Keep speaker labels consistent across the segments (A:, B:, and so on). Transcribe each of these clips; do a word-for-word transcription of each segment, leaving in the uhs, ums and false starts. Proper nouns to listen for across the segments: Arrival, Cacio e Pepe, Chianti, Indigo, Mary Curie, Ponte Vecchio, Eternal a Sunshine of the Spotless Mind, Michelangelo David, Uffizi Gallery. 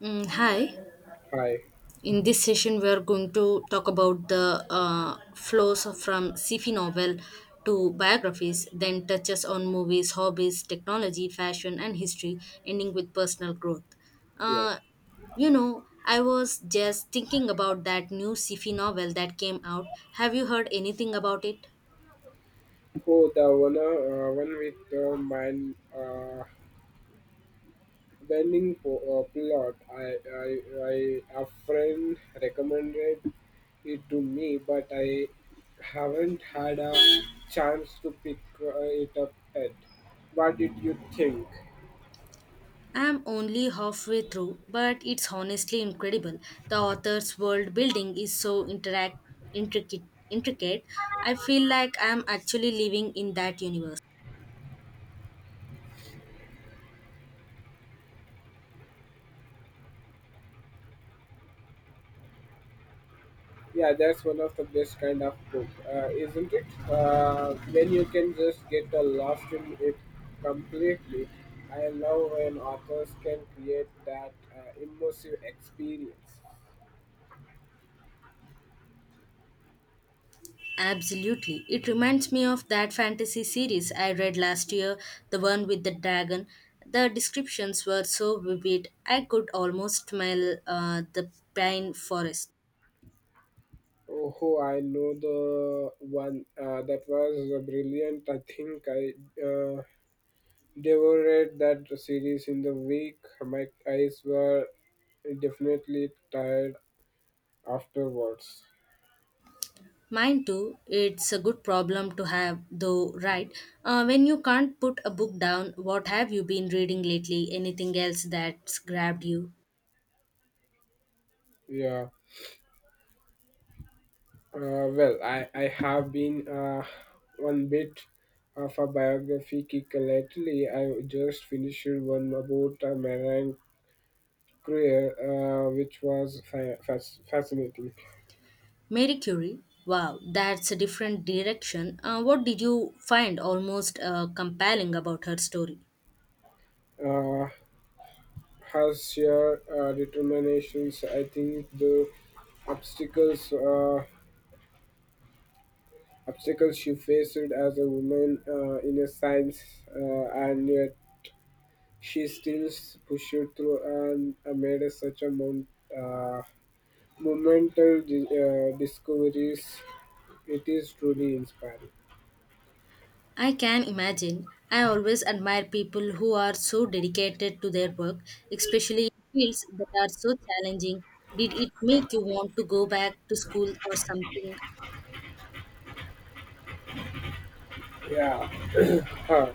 A: Mm, hi.
B: Hi.
A: In this session, we are going to talk about the uh, flows from sci-fi novel to biographies, then touches on movies, hobbies, technology, fashion, and history, ending with personal growth.
B: Yes.
A: Uh, you know, I was just thinking about that new sci-fi novel that came out. Have you heard anything about it?
B: Oh, the one, uh, one with the mine uh, bending po- uh, plot. I, I, I, a friend recommended it to me, but I haven't had a chance to pick uh, it up yet. What did you think?
A: I'm only halfway through, but it's honestly incredible. The author's world building is so interact intricate intricate. I feel like I'm actually living in that universe.
B: Yeah, that's one of the best kind of book, uh, isn't it? Uh, when you can just get uh, lost in it completely. I love when authors can create that uh, immersive experience.
A: Absolutely. It reminds me of that fantasy series I read last year, the one with the dragon. The descriptions were so vivid, I could almost smell uh, the pine forest.
B: Oh, I know the one uh, that was uh, brilliant. I think I uh, devoured that series in the week. My eyes were definitely tired afterwards.
A: Mine too. It's a good problem to have, though, right? Uh, when you can't put a book down, what have you been reading lately? Anything else that's grabbed you?
B: Yeah. Uh, well, I, I have been uh, one bit of a biography kick lately. I just finished one about uh, marine career, uh, which was fa- fasc- fascinating.
A: Mary Curie. Wow, that's a different direction. Uh, what did you find almost uh, compelling about her story?
B: Uh, Her sheer uh, determinations, I think the obstacles uh, obstacles she faced as a woman uh, in a science, uh, and yet she still pushed through and uh, made such a mount. Uh, Monumental di- uh, discoveries. It is truly inspiring.
A: I can imagine. I always admire people who are so dedicated to their work, especially in fields that are so challenging. Did it make you want to go back to school or something?
B: Yeah, huh.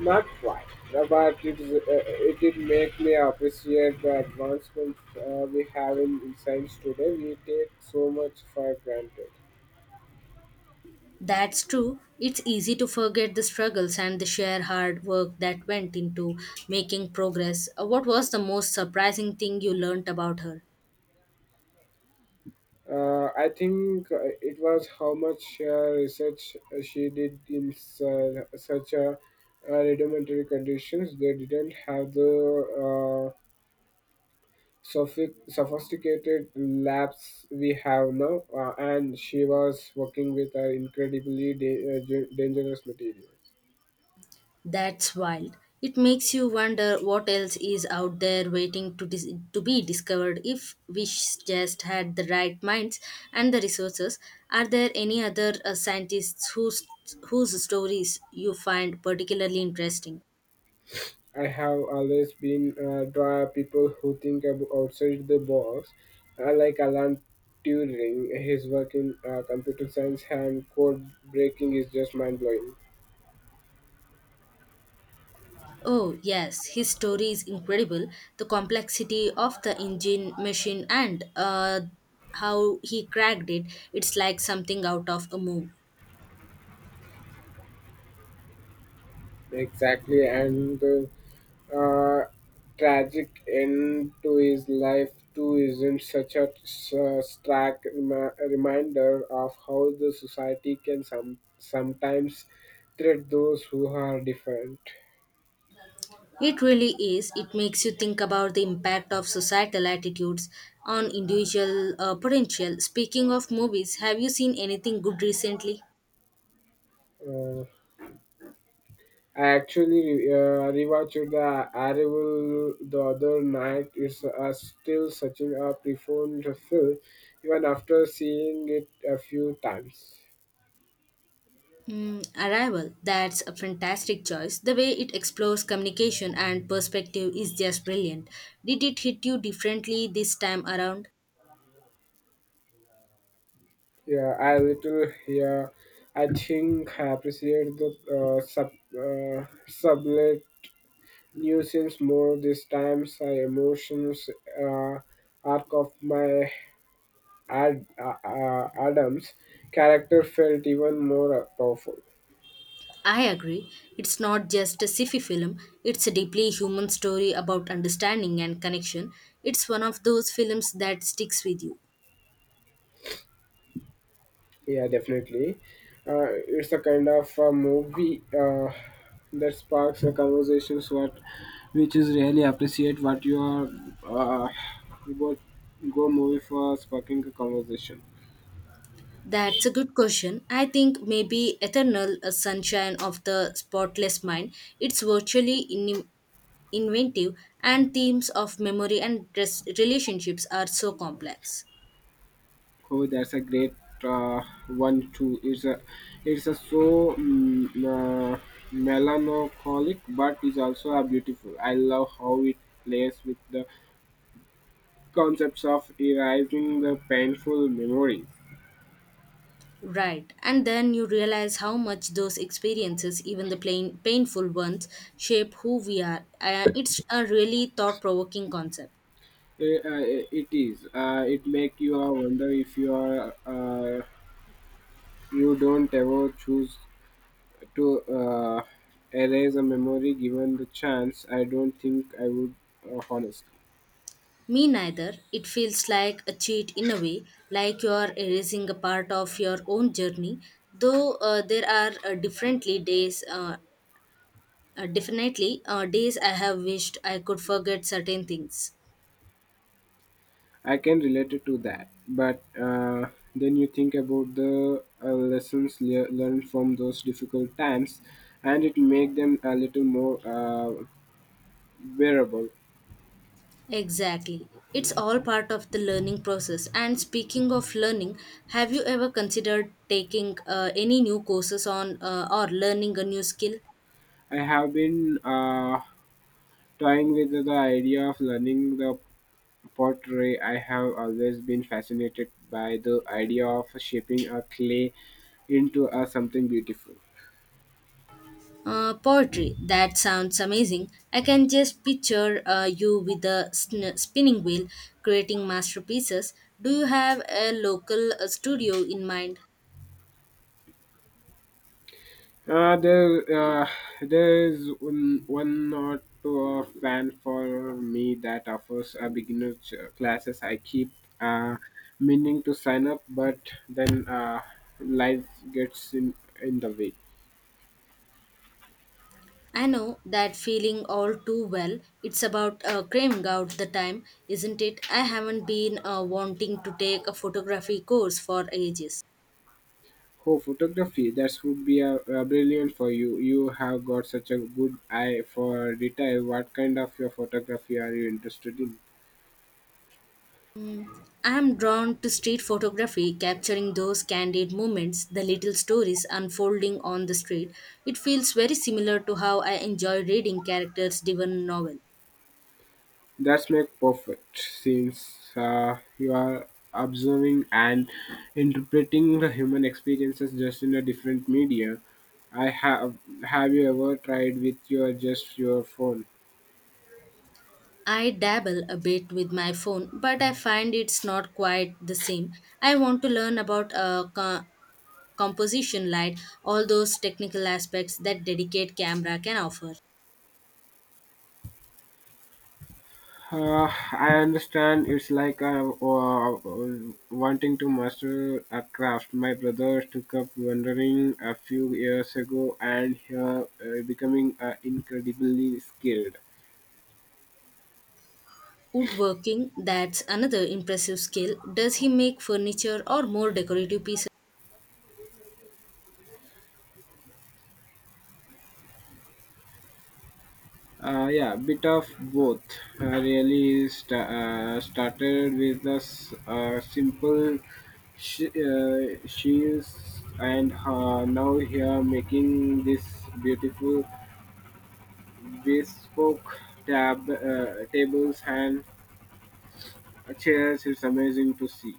B: Not quite. But it, is, uh, it did make me appreciate the advancements uh, we have in, in science today. We take so much for granted.
A: That's true. It's easy to forget the struggles and the sheer hard work that went into making progress. Uh, What was the most surprising thing you learnt about her?
B: Uh, I think uh, it was how much uh, research uh, she did in su- such a uh, rudimentary conditions. They didn't have the uh, sophi- sophisticated labs we have now, uh, and she was working with uh, incredibly da- uh, ge- dangerous materials.
A: That's wild. It makes you wonder what else is out there waiting to, dis- to be discovered if we sh- just had the right minds and the resources. Are there any other uh, scientists whose, whose stories you find particularly interesting?
B: I have always been uh, draw people who think ab- outside the box, uh, like Alan Turing. His work in uh, computer science and code breaking is just mind blowing.
A: Oh, yes, his story is incredible. The complexity of the engine machine and uh, how he cracked it, it's like something out of a movie.
B: Exactly, and the uh, tragic end to his life too isn't such a uh, stark remi- reminder of how the society can some- sometimes treat those who are different.
A: It really is. It makes you think about the impact of societal attitudes on individual uh, potential. Speaking of movies, have you seen anything good recently?
B: Uh, I actually uh, rewatched the Arrival the other night. It's uh, still such a profound film, even after seeing it a few times.
A: Mm, Arrival, that's a fantastic choice. The way it explores communication and perspective is just brilliant. Did it hit you differently this time around?
B: Yeah, I little yeah, I think I appreciate the uh, sub uh, sublet nuisance more this time. My emotions uh, arc of my Ad, uh, uh, Adams character felt even more powerful.
A: I agree. It's not just a sci-fi film, it's a deeply human story about understanding and connection. It's one of those films that sticks with you.
B: Yeah, definitely. Uh, it's a kind of a movie uh, that sparks a conversations what, which is really appreciate what you are. Uh, you go, go movie for sparking a conversation.
A: That's a good question. I think maybe Eternal a Sunshine of the Spotless Mind. It's virtually in- inventive and themes of memory and res- relationships are so complex.
B: Oh, that's a great uh, one too. It's a, it's a so mm, uh, melancholic, but it's also a beautiful. I love how it plays with the concepts of erasing the painful memory.
A: Right. And then you realize how much those experiences, even the plain, painful ones, shape who we are. Uh, it's a really thought provoking concept.
B: Eh, uh, it is. Uh, it make you uh, wonder if you are uh, you don't ever choose to uh, erase a memory given the chance. I don't think I would, uh, honestly.
A: Me neither. It feels like a cheat in a way, like you're erasing a part of your own journey. Though uh, there are uh, differently days, uh, uh, definitely uh, days I have wished I could forget certain things.
B: I can relate it to that, but uh, then you think about the uh, lessons le- learned from those difficult times, and it make them a little more uh, bearable.
A: Exactly. It's all part of the learning process. And speaking of learning, have you ever considered taking uh, any new courses on uh, or learning a new skill?
B: I have been uh, toying with the idea of learning the pottery. I have always been fascinated by the idea of shaping a clay into a something beautiful.
A: Uh, poetry. That sounds amazing. I can just picture uh, you with a sn- spinning wheel creating masterpieces. Do you have a local uh, studio in mind?
B: Uh, there, uh, there is one, one or two of plan for me that offers a beginner ch- classes. I keep uh, meaning to sign up, but then uh, life gets in in the way.
A: I know that feeling all too well. It's about uh, craving out the time, isn't it? I haven't been uh, wanting to take a photography course for ages.
B: Oh, photography. That would be a, uh brilliant for you. You have got such a good eye for detail. What kind of your photography are you interested in?
A: I am drawn to street photography, capturing those candid moments, the little stories unfolding on the street. It feels very similar to how I enjoy reading characters' driven novel.
B: That's make perfect since uh, you are observing and interpreting the human experiences just in a different media. I have have you ever tried with your just your phone?
A: I dabble a bit with my phone, but I find it's not quite the same. I want to learn about uh, co- composition, light, all those technical aspects that dedicate camera can offer.
B: Uh, I understand it's like I uh, wanting to master a craft. My brother took up wandering a few years ago and here uh, becoming uh, incredibly skilled.
A: Woodworking, that's another impressive skill. Does he make furniture or more decorative pieces?
B: Uh, yeah, bit of both. I really sta uh, started with a s- uh, simple sh- uh, shields and uh, now here making this beautiful bespoke tab, uh, tables and chairs. It's amazing to see.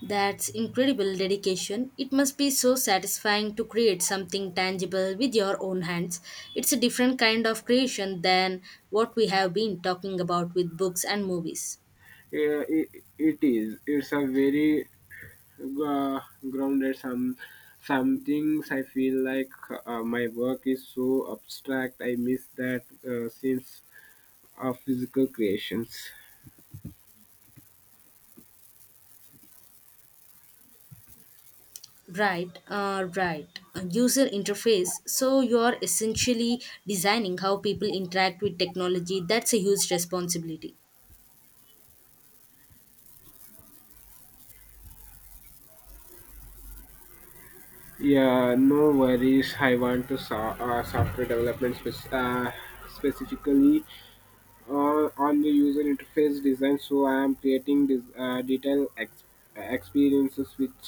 A: That's incredible dedication. It must be so satisfying to create something tangible with your own hands. It's a different kind of creation than what we have been talking about with books and movies.
B: Yeah, it, it is. It's a very uh, grounded some some things. I feel like uh, my work is so abstract. I miss that uh, sense of physical creations.
A: Right, uh, right. A user interface. So you are essentially designing how people interact with technology. That's a huge responsibility.
B: Yeah, no worries. I want to so- uh, software development spec- uh, specifically, uh, on the user interface design, so I am creating this uh, detailed ex- experiences, which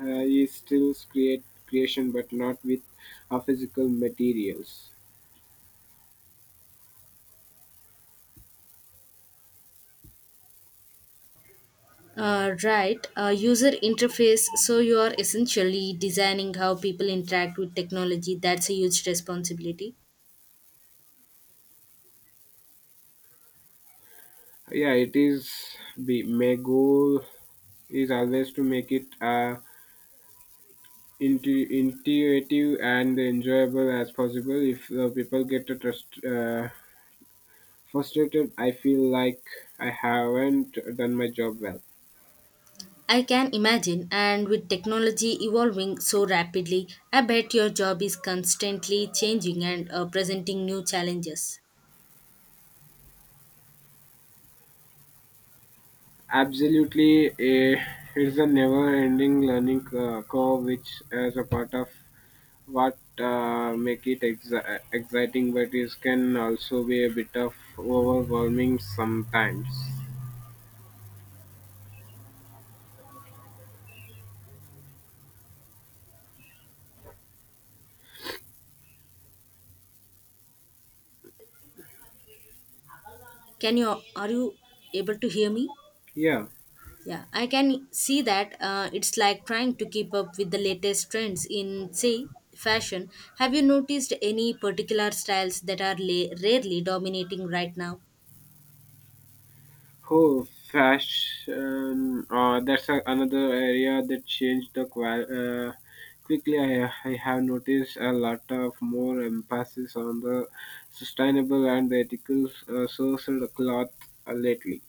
B: uh, is still create creation but not with uh, physical materials.
A: Uh, right, uh, User interface. So you are essentially designing how people interact with technology. That's a huge responsibility.
B: Yeah, it is. The My goal is always to make it uh, intu- intuitive and enjoyable as possible. If uh, people get to trust uh, frustrated, I feel like I haven't done my job well.
A: I can imagine, and with technology evolving so rapidly, I bet your job is constantly changing and uh, presenting new challenges.
B: Absolutely, eh, it's a never-ending learning uh, curve, which is a part of what uh, make it exi- exciting, but it can also be a bit of overwhelming sometimes.
A: Can you Are you able to hear me?
B: Yeah.
A: Yeah, I can see that uh, it's like trying to keep up with the latest trends in, say, fashion. Have you noticed any particular styles that are la- rarely dominating right now?
B: Oh, fashion. Uh, that's a, another area that changed the qual- uh, quickly. I, I have noticed a lot of more emphasis on the sustainable and ethical uh, sourced cloth uh, lately.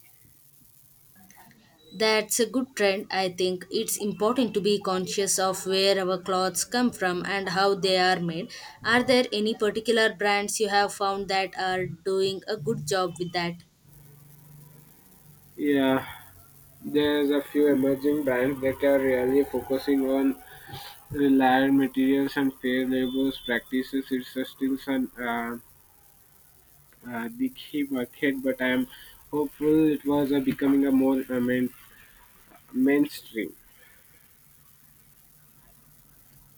A: That's a good trend, I think. It's important to be conscious of where our clothes come from and how they are made. Are there any particular brands you have found that are doing a good job with that?
B: Yeah, there's a few emerging brands that are really focusing on reliable materials and fair labor practices. It's a still some uh, uh, dicky market, but I'm hopeful it was uh, becoming a more uh, main, mainstream.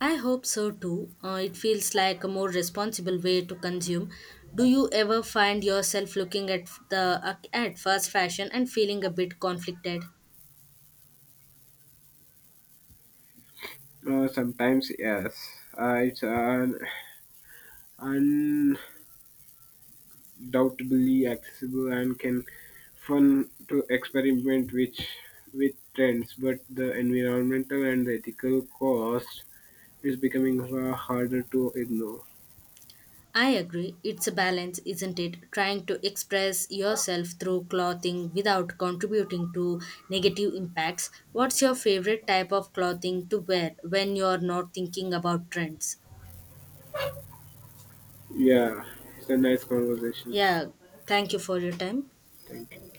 A: I hope so too. Uh, it feels like a more responsible way to consume. Do you ever find yourself looking at the uh, at fast fashion and feeling a bit conflicted?
B: Uh, sometimes, yes, uh, it's an doubtably accessible and can fun to experiment which with trends, but the environmental and the ethical cost is becoming far harder to ignore.
A: I agree. It's a balance, isn't it? Trying to express yourself through clothing without contributing to negative impacts. What's your favorite type of clothing to wear when you're not thinking about trends?
B: Yeah, it's a nice conversations.
A: Yeah, thank you for your time.
B: Thank you.